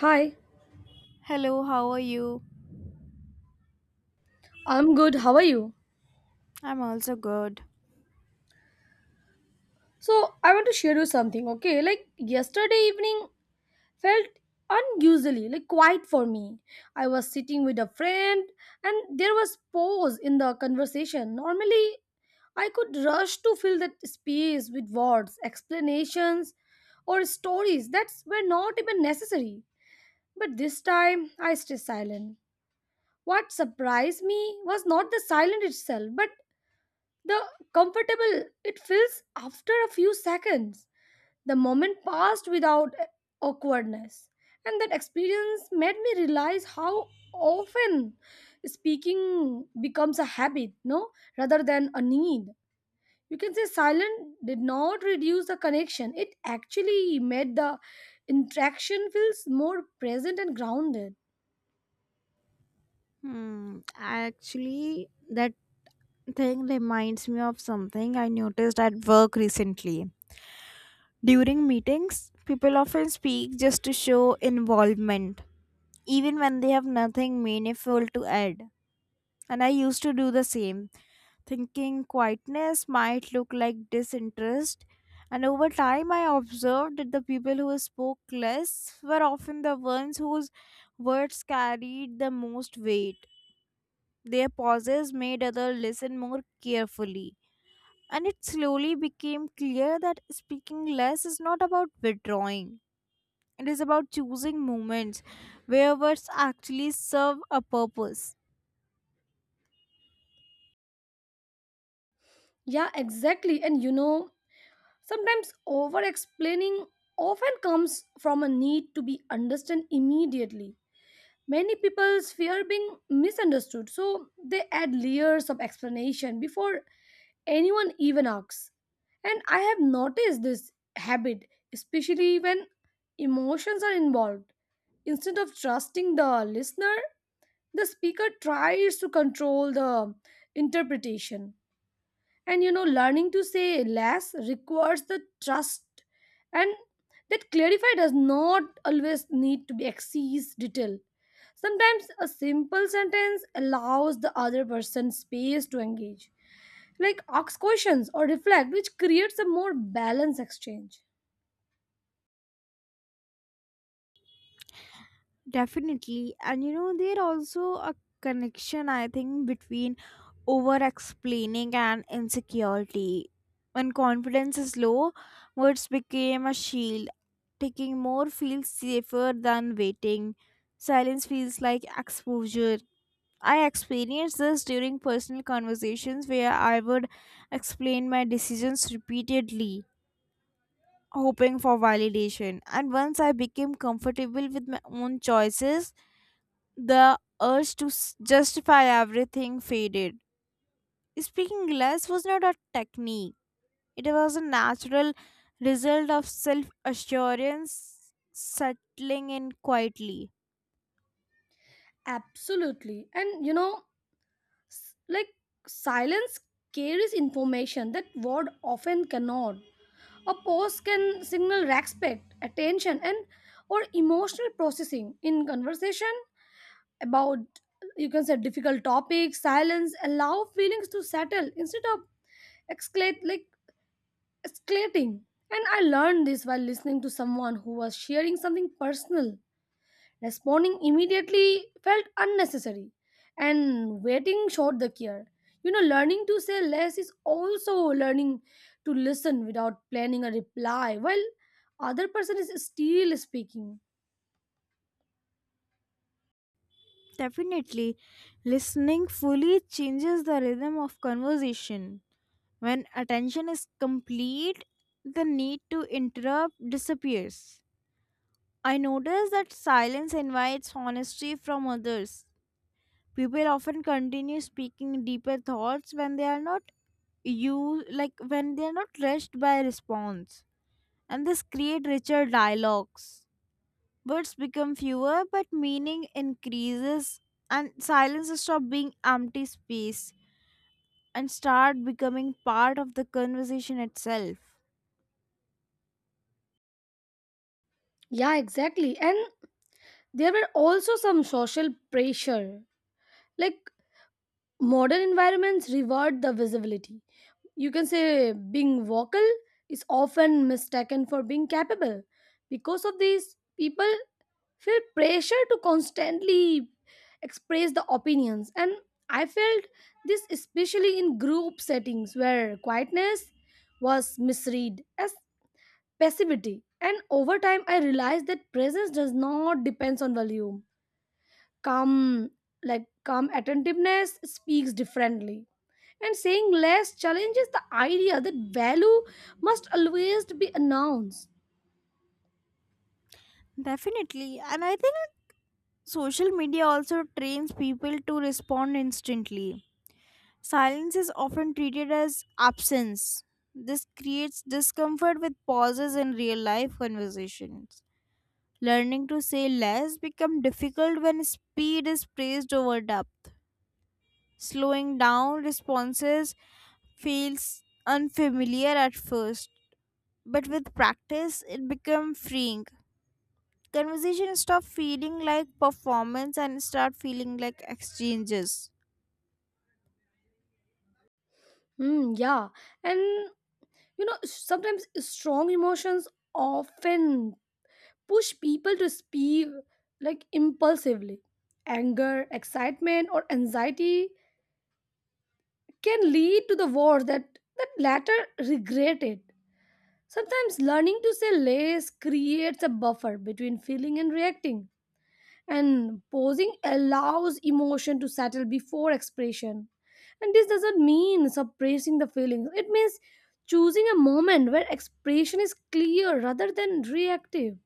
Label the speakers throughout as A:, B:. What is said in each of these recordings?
A: Hi,
B: Hello, how are you?
A: I'm good. How are you?
B: I'm also good.
A: So, I want to share you something, okay? Like, yesterday evening felt unusually like quiet for me. I was sitting with a friend, and there was pause in the conversation. Normally, I could rush to fill that space with words, explanations, or stories that were not even necessary. But this time, I stayed silent. What surprised me was not the silence itself, but the comfortable it feels after a few seconds. The moment passed without awkwardness. And that experience made me realize how often speaking becomes a habit, no, rather than a need. You can say silent did not reduce the connection. It actually made the interaction feels more present and grounded.
B: Hmm. Actually, that thing reminds me of something I noticed at work recently. During meetings, people often speak just to show involvement, even when they have nothing meaningful to add. And I used to do the same, thinking quietness might look like disinterest. And over time, I observed that the people who spoke less were often the ones whose words carried the most weight. Their pauses made others listen more carefully. And it slowly became clear that speaking less is not about withdrawing, it is about choosing moments where words actually serve a purpose.
A: Yeah, exactly. And sometimes over explaining often comes from a need to be understood immediately. Many people fear being misunderstood, so they add layers of explanation before anyone even asks. And I have noticed this habit, especially when emotions are involved. Instead of trusting the listener, the speaker tries to control the interpretation, and learning to say less requires the trust, and that clarify does not always need to be excess detail. Sometimes a simple sentence allows the other person space to engage, like ask questions or reflect, which creates a more balanced exchange.
B: Definitely. And there also a connection I think between over explaining and insecurity. When confidence is low, words became a shield. Taking more feels safer than waiting. Silence feels like exposure. I experienced this during personal conversations where I would explain my decisions repeatedly, hoping for validation. And once I became comfortable with my own choices, the urge to justify everything faded. Speaking less was not a technique, it was a natural result of self assurance settling in quietly.
A: Absolutely. And s- like silence carries information that word often cannot. A post can signal respect, attention, and or emotional processing in conversation about, you can say, difficult topics. Silence allow feelings to settle instead of escalate like escalating. And I learned this while listening to someone who was sharing something personal. Responding immediately felt unnecessary, and waiting showed the care. Learning to say less is also learning to listen without planning a reply while other person is still speaking.
B: Definitely, listening fully changes the rhythm of conversation. When attention is complete, the need to interrupt disappears. I notice that silence invites honesty from others. People often continue speaking deeper thoughts when they are not you like when they are not rushed by response. And this create richer dialogues. Words become fewer but meaning increases and silence stop being empty space and start becoming part of the conversation itself.
A: Yeah, exactly. And there were also some social pressure. Like, modern environments reward the visibility. You can say being vocal is often mistaken for being capable. Because of this, people feel pressure to constantly express the opinions, and I felt this especially in group settings where quietness was misread as passivity. And over time I realized that presence does not depends on volume. Calm, calm attentiveness speaks differently. And saying less challenges the idea that value must always be announced.
B: Definitely. And I think social media also trains people to respond instantly. Silence is often treated as absence. This creates discomfort with pauses in real life conversations. Learning to say less becomes difficult when speed is praised over depth. Slowing down responses feels unfamiliar at first, but with practice, it becomes freeing. Conversation stop feeling like performance and start feeling like exchanges.
A: Hmm, yeah. And sometimes strong emotions often push people to speak, like, impulsively. Anger, excitement, or anxiety can lead to the words that latter regret it. Sometimes learning to say less creates a buffer between feeling and reacting, and pausing allows emotion to settle before expression. And this doesn't mean suppressing the feelings, it means choosing a moment where expression is clear rather than reactive.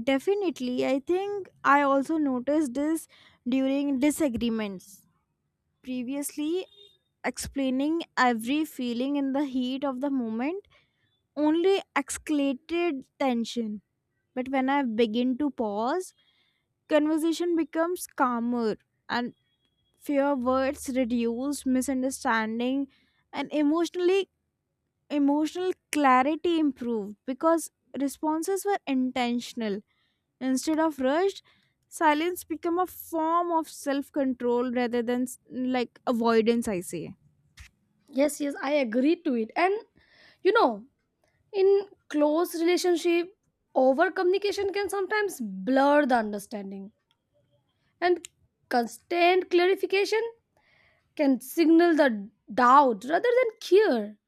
B: Definitely. I think I also noticed this during disagreements. Previously, explaining every feeling in the heat of the moment only escalated tension. But when I begin to pause, conversation becomes calmer and fewer words reduced, misunderstanding and emotional clarity improved because responses were intentional instead of rushed. Silence become a form of self-control rather than avoidance, I say.
A: Yes, yes, I agree to it. And you know, in close relationship, over communication can sometimes blur the understanding, and constant clarification can signal the doubt rather than care.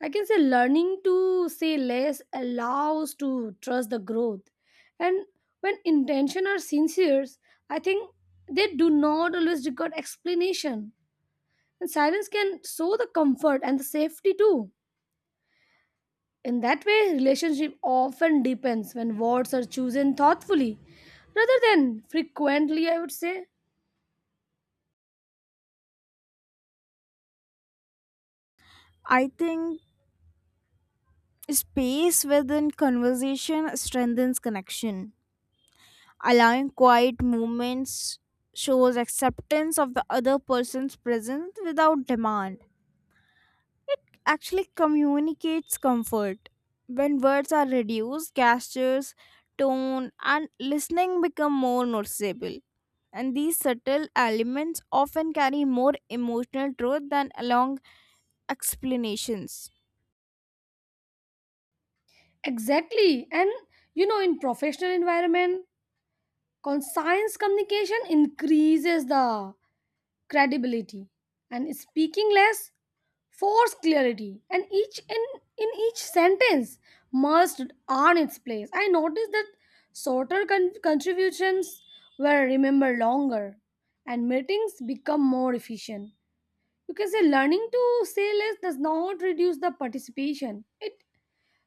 A: I can say learning to say less allows to trust the growth. And when intention are sincere, I think they do not always require explanation. And silence can show the comfort and the safety too. In that way, relationship often depends when words are chosen thoughtfully rather than frequently, I would say.
B: I think space within conversation strengthens connection. Allowing quiet moments shows acceptance of the other person's presence without demand. It actually communicates comfort. When words are reduced, gestures, tone, and listening become more noticeable. And these subtle elements often carry more emotional truth than long explanations.
A: Exactly. And in professional environment, con science communication increases the credibility, and speaking less force clarity, and each in each sentence must earn its place. I noticed that shorter contributions were remembered longer and meetings become more efficient. You can say learning to say less does not reduce the participation. It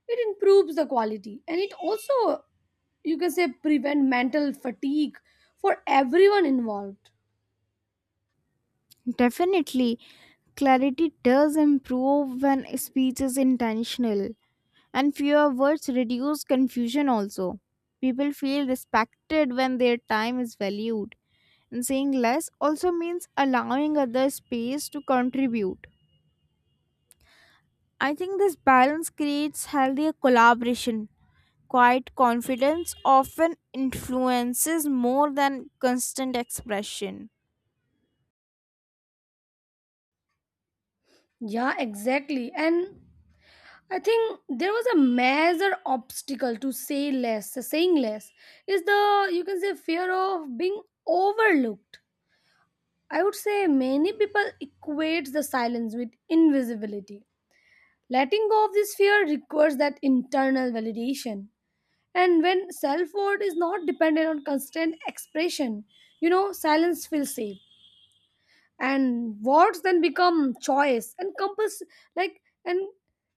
A: improves the quality, and it also, you can say, prevent mental fatigue for everyone involved.
B: Definitely, clarity does improve when speech is intentional, and fewer words reduce confusion also. People feel respected when their time is valued. And saying less also means allowing others space to contribute. I think this balance creates healthier collaboration. Quiet confidence often influences more than constant expression.
A: Yeah, exactly. And I think there was a major obstacle to say less. Saying less is the, you can say, fear of being overlooked. I would say many people equate the silence with invisibility. Letting go of this fear requires that internal validation. And when self worth is not dependent on constant expression, silence feels safe. And words then become choice and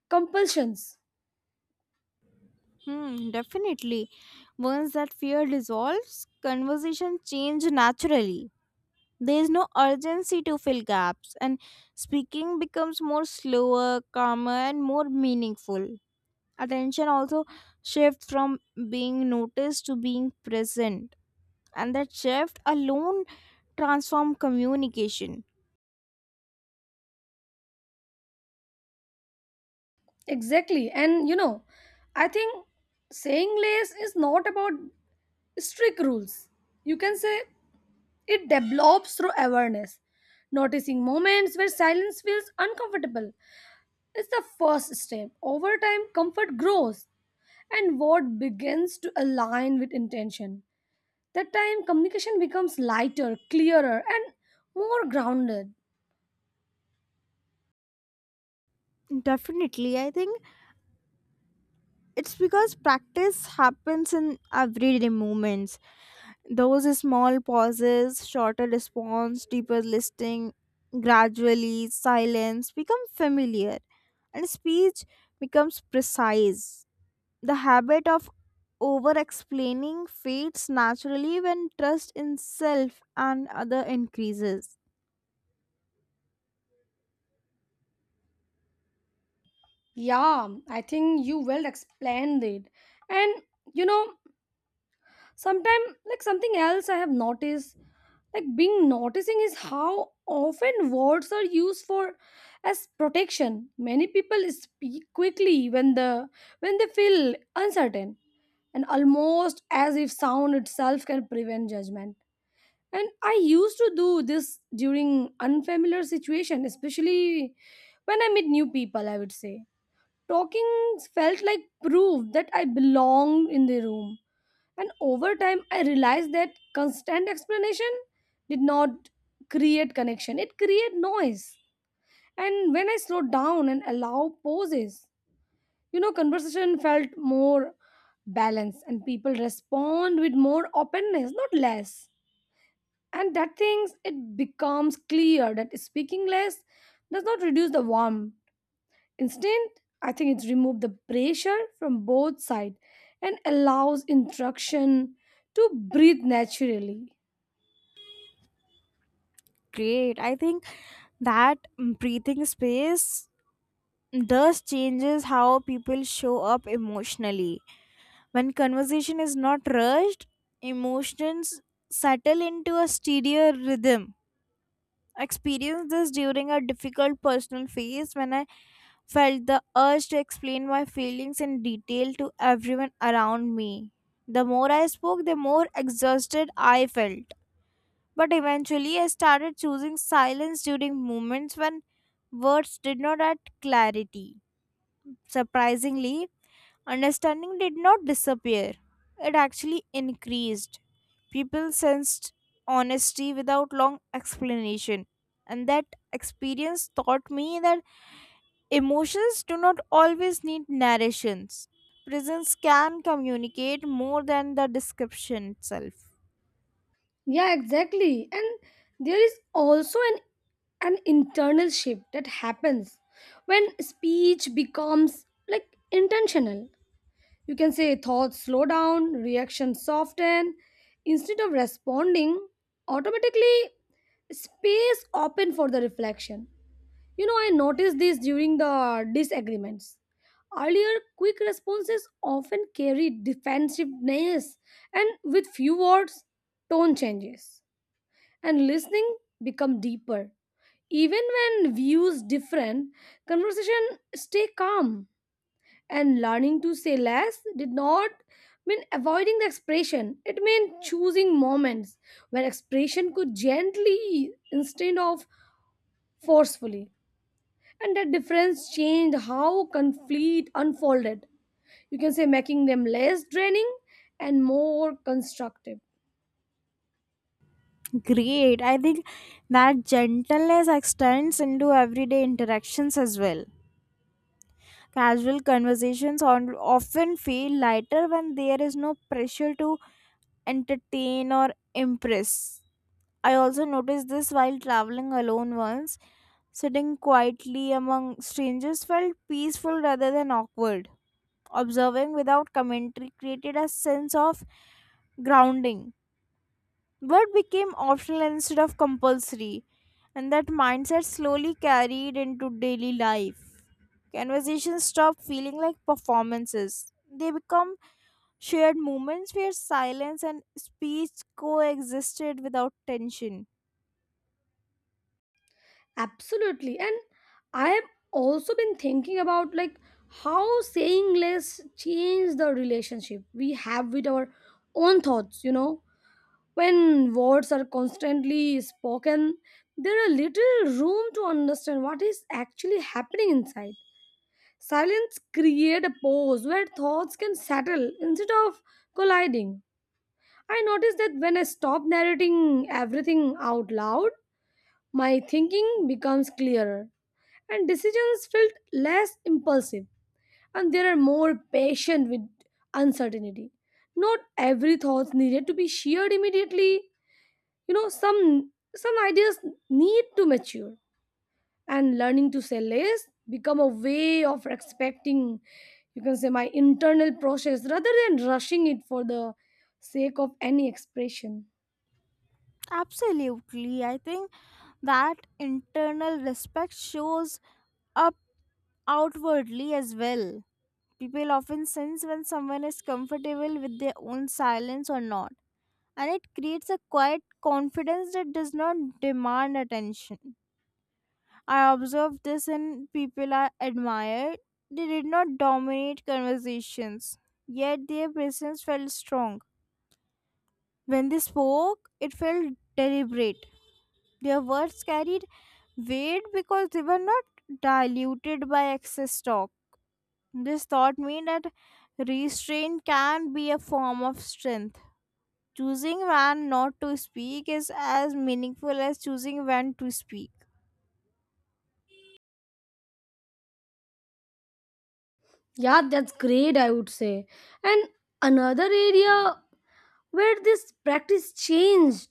A: compulsions.
B: Hmm, definitely. Once that fear dissolves, conversation change naturally. There is no urgency to fill gaps, and speaking becomes more slower, calmer, and more meaningful. Attention also shifts from being noticed to being present, and that shift alone transform communication.
A: Exactly. And I think saying less is not about strict rules. You can say it develops through awareness. Noticing moments where silence feels uncomfortable is the first step. Over time, comfort grows, and what begins to align with intention. That time, communication becomes lighter, clearer, and more grounded.
B: Definitely, I think it's because practice happens in everyday moments. Those small pauses, shorter response, deeper listening, gradually silence become familiar, and speech becomes precise. The habit of over explaining fades naturally when trust in self and other increases.
A: Yeah, I think you well explained it. And you know, sometimes, like, something else I have noticed, like being noticing, is how often words are used for as protection. Many people speak quickly when they feel uncertain, and almost as if sound itself can prevent judgment. And I used to do this during unfamiliar situation, especially when I meet new people. I would say talking felt like proof that I belonged in the room. And over time I realized that constant explanation did not create connection, it created noise. And when I slowed down and allow pauses, conversation felt more balanced, and people respond with more openness, not less. And that things it becomes clear that speaking less does not reduce the warmth. Instead, I think it's removed the pressure from both sides and allows instruction to breathe naturally.
B: Great. I think that breathing space does changes how people show up emotionally. When conversation is not rushed, emotions settle into a steadier rhythm. Experienced this during a difficult personal phase when I felt the urge to explain my feelings in detail to everyone around me. The more I spoke, the more exhausted I felt. But eventually, I started choosing silence during moments when words did not add clarity. Surprisingly, understanding did not disappear, it actually increased. People sensed honesty without long explanation, and that experience taught me that emotions do not always need narrations. Presence can communicate more than the description itself.
A: Yeah, exactly. And there is also an internal shift that happens when speech becomes, like, intentional. You can say thoughts slow down, reactions soften. Instead of responding automatically, space open for the reflection. I noticed this during the disagreements. Earlier, quick responses often carry defensiveness, and with few words, tone changes, and listening become deeper. Even when views different, conversation stay calm, and learning to say less did not mean avoiding the expression. It meant choosing moments where expression could gently instead of forcefully, and that difference changed how conflict unfolded. You can say making them less draining and more constructive.
B: Great. I think that gentleness extends into everyday interactions as well. Casual conversations on, often feel lighter when there is no pressure to entertain or impress. I also noticed this while traveling alone once. Sitting quietly among strangers felt peaceful rather than awkward. Observing without commentary created a sense of grounding. Work became optional instead of compulsory, and that mindset slowly carried into daily life. Conversations stop feeling like performances. They become shared moments where silence and speech coexisted without tension.
A: Absolutely. And I have also been thinking about, like, how saying less changed the relationship we have with our own thoughts. When words are constantly spoken, there are little room to understand what is actually happening inside. Silence create a pause where thoughts can settle instead of colliding. I notice that when I stop narrating everything out loud, my thinking becomes clearer, and decisions felt less impulsive, and they are more patient with uncertainty. Not every thought needed to be shared immediately. you know some some ideas need to mature, and learning to say less become a way of respecting, you can say, my internal process rather than rushing it for the sake of any expression.
B: Absolutely. I think that internal respect shows up outwardly as well. People often sense when someone is comfortable with their own silence or not, and it creates a quiet confidence that does not demand attention. I observed this in people I admired. They did not dominate conversations, yet their presence felt strong. When they spoke, it felt deliberate. Their words carried weight because they were not diluted by excess talk. This thought mean that restraint can be a form of strength. Choosing when not to speak is as meaningful as choosing when to speak.
A: Yeah, that's great, I would say. And another area where this practice changed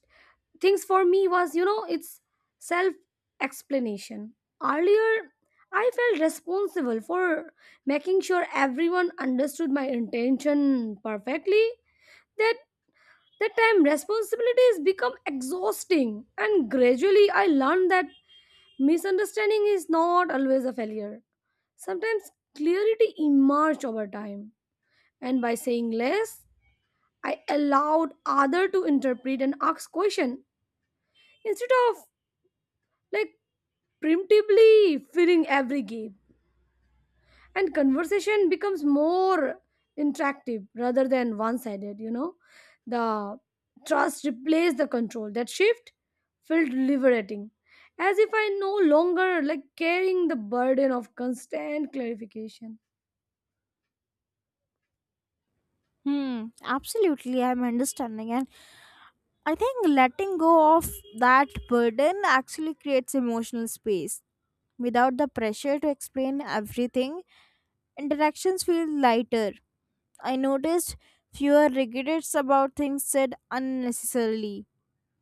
A: things for me was, it's self explanation. Earlier, I felt responsible for making sure everyone understood my intention perfectly. That that time responsibilities become exhausting, and gradually I learned that misunderstanding is not always a failure. Sometimes clarity emerged over time, and by saying less I allowed other to interpret and ask question instead of, like, preemptively filling every gap. And conversation becomes more interactive rather than one-sided. The trust replaced the control. That shift felt liberating, as if I no longer, like, carrying the burden of constant clarification.
B: Hmm, absolutely. I'm understanding. And I think letting go of that burden actually creates emotional space. Without the pressure to explain everything, interactions feel lighter. I noticed fewer regrets about things said unnecessarily.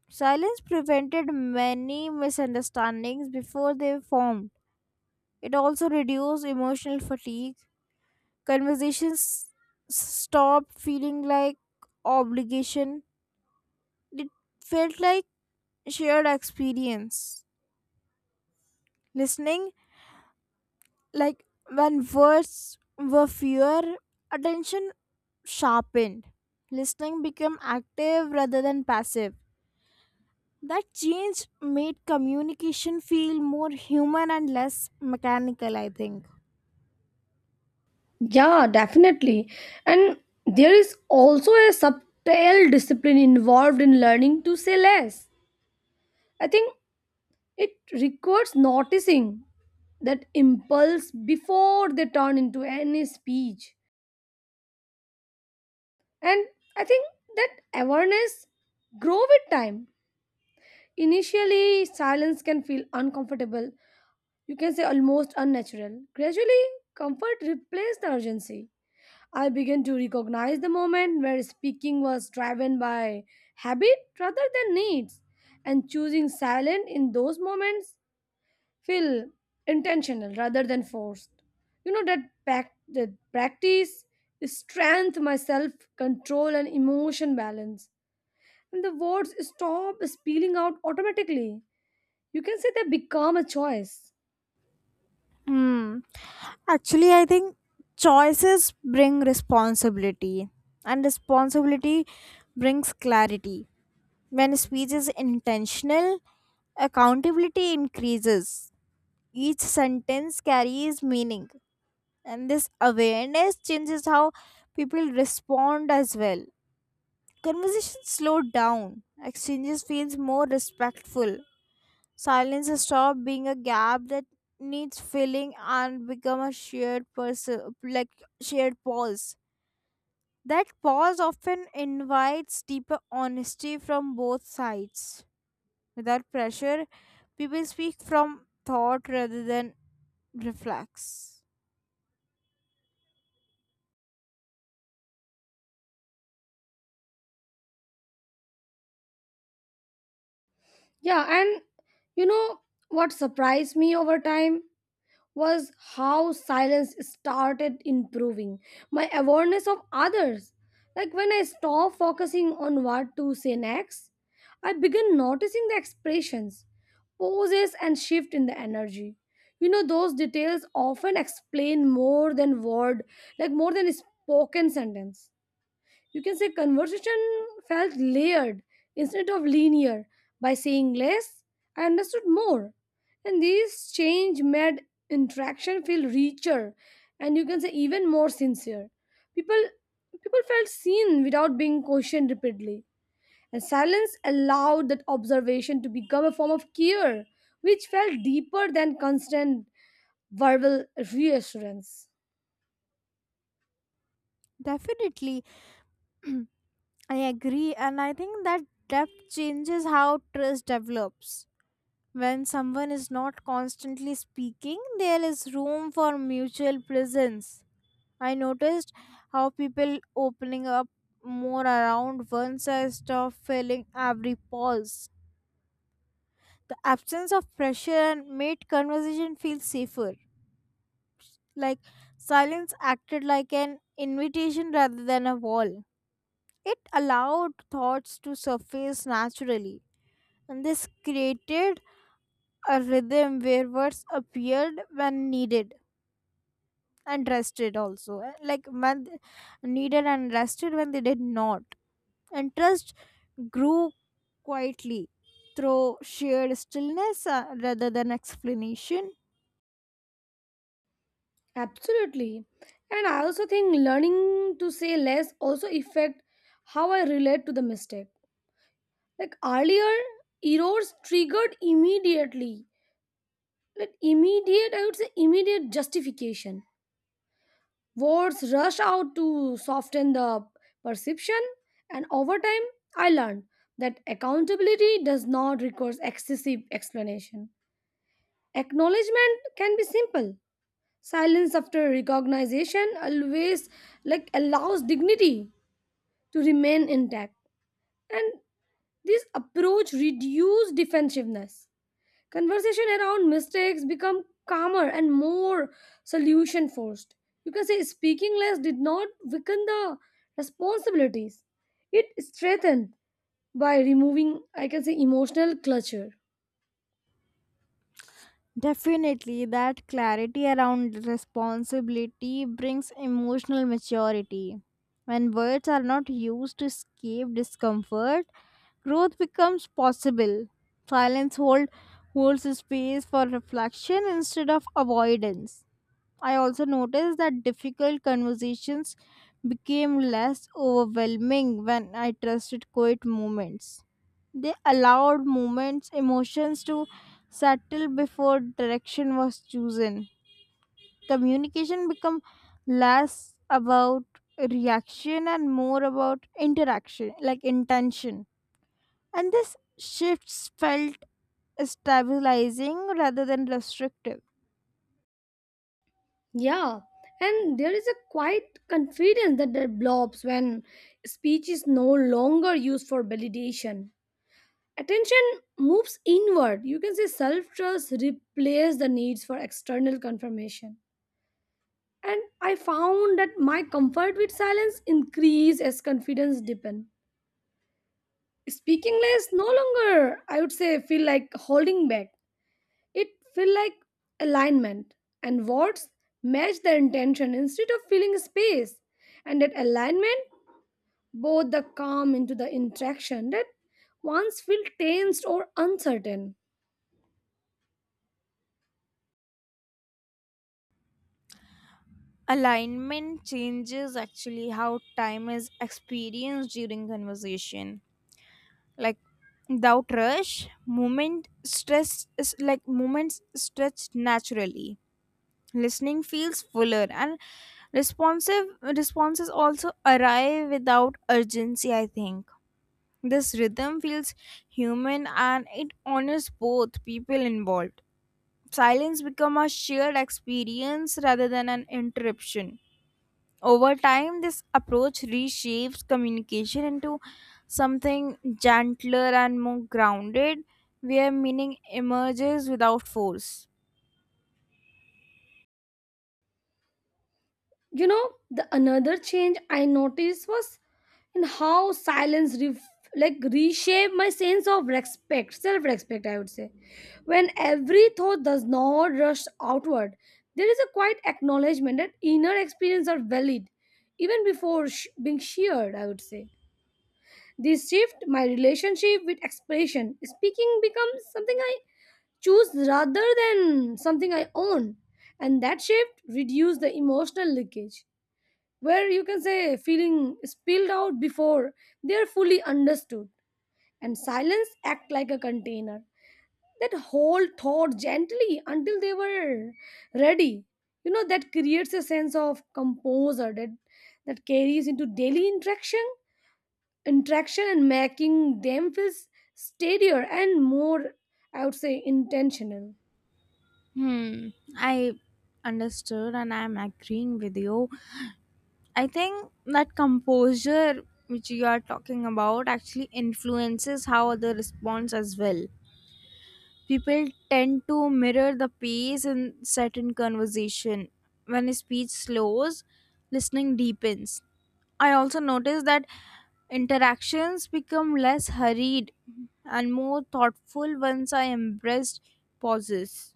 B: Silence prevented many misunderstandings before they formed. It also reduced emotional fatigue. Conversations stopped feeling like obligation. It felt like shared experience. Listening, like when words were fewer, attention sharpened. Listening became active rather than passive. That change made communication feel more human and less mechanical, I think.
A: Yeah, definitely. And there is also a subtle discipline involved in learning to say less, I think. It requires noticing that impulse before they turn into any speech. And I think that awareness grow with time. Initially, silence can feel uncomfortable. You can say almost unnatural. Gradually, comfort replaced the urgency. I began to recognize the moment where speaking was driven by habit rather than needs, and choosing silence in those moments feel intentional rather than forced. That practice is strength, my self control, and emotion balance. And the words stop spilling out automatically. You can say they become a choice.
B: Hmm. Actually, I think choices bring responsibility, and responsibility brings clarity. When speech is intentional, accountability increases. Each sentence carries meaning, and this awareness changes how people respond as well. Conversations slow down, exchanges feels more respectful. Silence has stopped being a gap that needs filling and become a shared person like shared pause. That pause often invites deeper honesty from both sides. Without pressure, people speak from thought rather than reflex.
A: Yeah, and you know what surprised me over time, was how silence started improving my awareness of others. Like, when I stopped focusing on what to say next, I began noticing the expressions, poses, and shift in the energy. Those details often explain more than word, like more than spoken sentence. You can say conversation felt layered instead of linear. By saying less, I understood more. And these change made interaction feel richer and, you can say, even more sincere. People people felt seen without being questioned repeatedly. And silence allowed that observation to become a form of care, which felt deeper than constant verbal reassurance.
B: Definitely, I agree, and I think that depth changes how trust develops. When someone is not constantly speaking, there is room for mutual presence. I noticed how people opening up more around once I stopped filling every pause. The absence of pressure and made conversation feel safer. Like silence acted like an invitation rather than a wall. It allowed thoughts to surface naturally, and this created a rhythm where words appeared when needed and rested also, needed and rested when they did not. And trust grew quietly through shared stillness rather than explanation.
A: Absolutely. And I also think learning to say less also affect how I relate to the mistake. Like, earlier, errors triggered immediately. Like, immediate, I would say immediate justification. Words rush out to soften the perception. And over time, I learned that accountability does not require excessive explanation. Acknowledgement can be simple. Silence after recognition always, like, allows dignity to remain intact. And this approach reduces defensiveness. Conversation around mistakes become calmer and more solution forced. You can say speaking less did not weaken the responsibilities. It strengthened by removing, I can say, emotional clutter.
B: Definitely, that clarity around responsibility brings emotional maturity. When words are not used to escape discomfort, growth becomes possible. Silence hold, holds space for reflection instead of avoidance. I also noticed that difficult conversations became less overwhelming when I trusted quiet moments. They allowed moments, emotions to settle before direction was chosen. Communication became less about reaction and more about interaction, like intention. And this shifts felt stabilizing rather than restrictive.
A: Yeah, and there is a quiet confidence that develops when speech is no longer used for validation. Attention moves inward. You can say self trust replaces the needs for external confirmation. And I found that my comfort with silence increased as confidence deepened. Speaking less no longer, I would say, feel like holding back. It feel like alignment, and words match the intention instead of filling space. And that alignment both the calm into the interaction that once felt tensed or uncertain.
B: Alignment changes actually how time is experienced during conversation, like without rush. Moment stress is like moments stretch naturally. Listening feels fuller and responsive responses also arrive without urgency. I think this rhythm feels human and it honors both people involved. Silence become a shared experience rather than an interruption. Over time, this approach reshapes communication into something gentler and more grounded, where meaning emerges without force.
A: The another change I noticed was in how silence reshape my sense of respect, self-respect, I would say. When every thought does not rush outward, there is a quiet acknowledgement that inner experiences are valid, even before being shared, I would say. This shift, my relationship with expression, speaking becomes something I choose rather than something I own. And that shift reduces the emotional leakage, where, you can say, feeling spilled out before they are fully understood. And silence act like a container that whole thought gently until they were ready. That creates a sense of composure that carries into daily interaction and making them feel steadier and, more, I would say, intentional.
B: Hmm, I understood and I'm agreeing with you. I think that composure, which you are talking about, actually influences how others respond as well. People tend to mirror the pace in certain conversation. When a speech slows, listening deepens. I also noticed that interactions become less hurried and more thoughtful once I embraced pauses.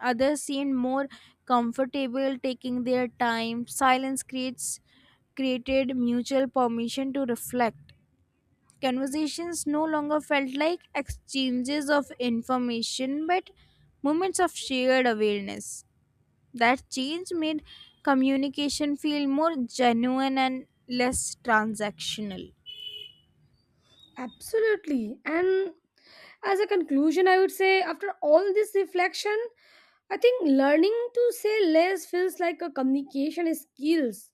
B: Others seemed more comfortable taking their time. Silence creates Created mutual permission to reflect. Conversations no longer felt like exchanges of information but moments of shared awareness. That change made communication feel more genuine and less transactional.
A: Absolutely. And as a conclusion, I would say, after all this reflection, I think learning to say less feels like a communication skills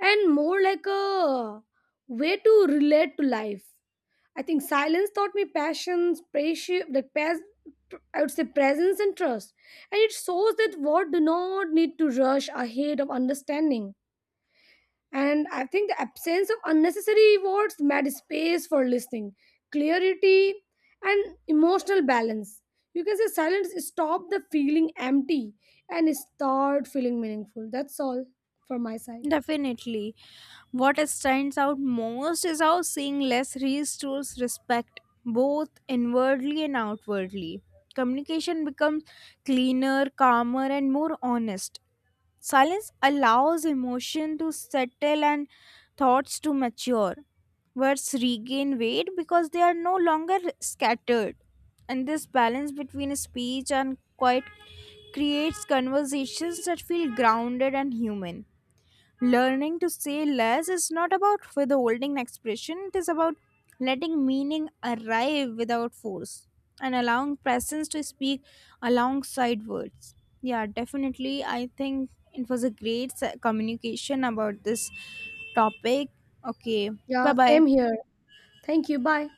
A: and more like a way to relate to life. I think silence taught me passions, patience, like, I would say presence and trust, and it shows that what do not need to rush ahead of understanding. And I think the absence of unnecessary words made space for listening, clarity, and emotional balance. You can say silence stop the feeling empty and start feeling meaningful. That's all for my side.
B: Definitely. What stands out most is how saying less restores respect both inwardly and outwardly. Communication becomes cleaner, calmer, and more honest. Silence allows emotion to settle and thoughts to mature. Words regain weight because they are no longer scattered. And this balance between speech and quiet creates conversations that feel grounded and human. Learning to say less is not about withholding expression, it is about letting meaning arrive without force and allowing presence to speak alongside words. Yeah, definitely. I think it was a great communication about this topic. Okay, bye
A: Yeah,
B: bye.
A: same here. Thank you. Bye.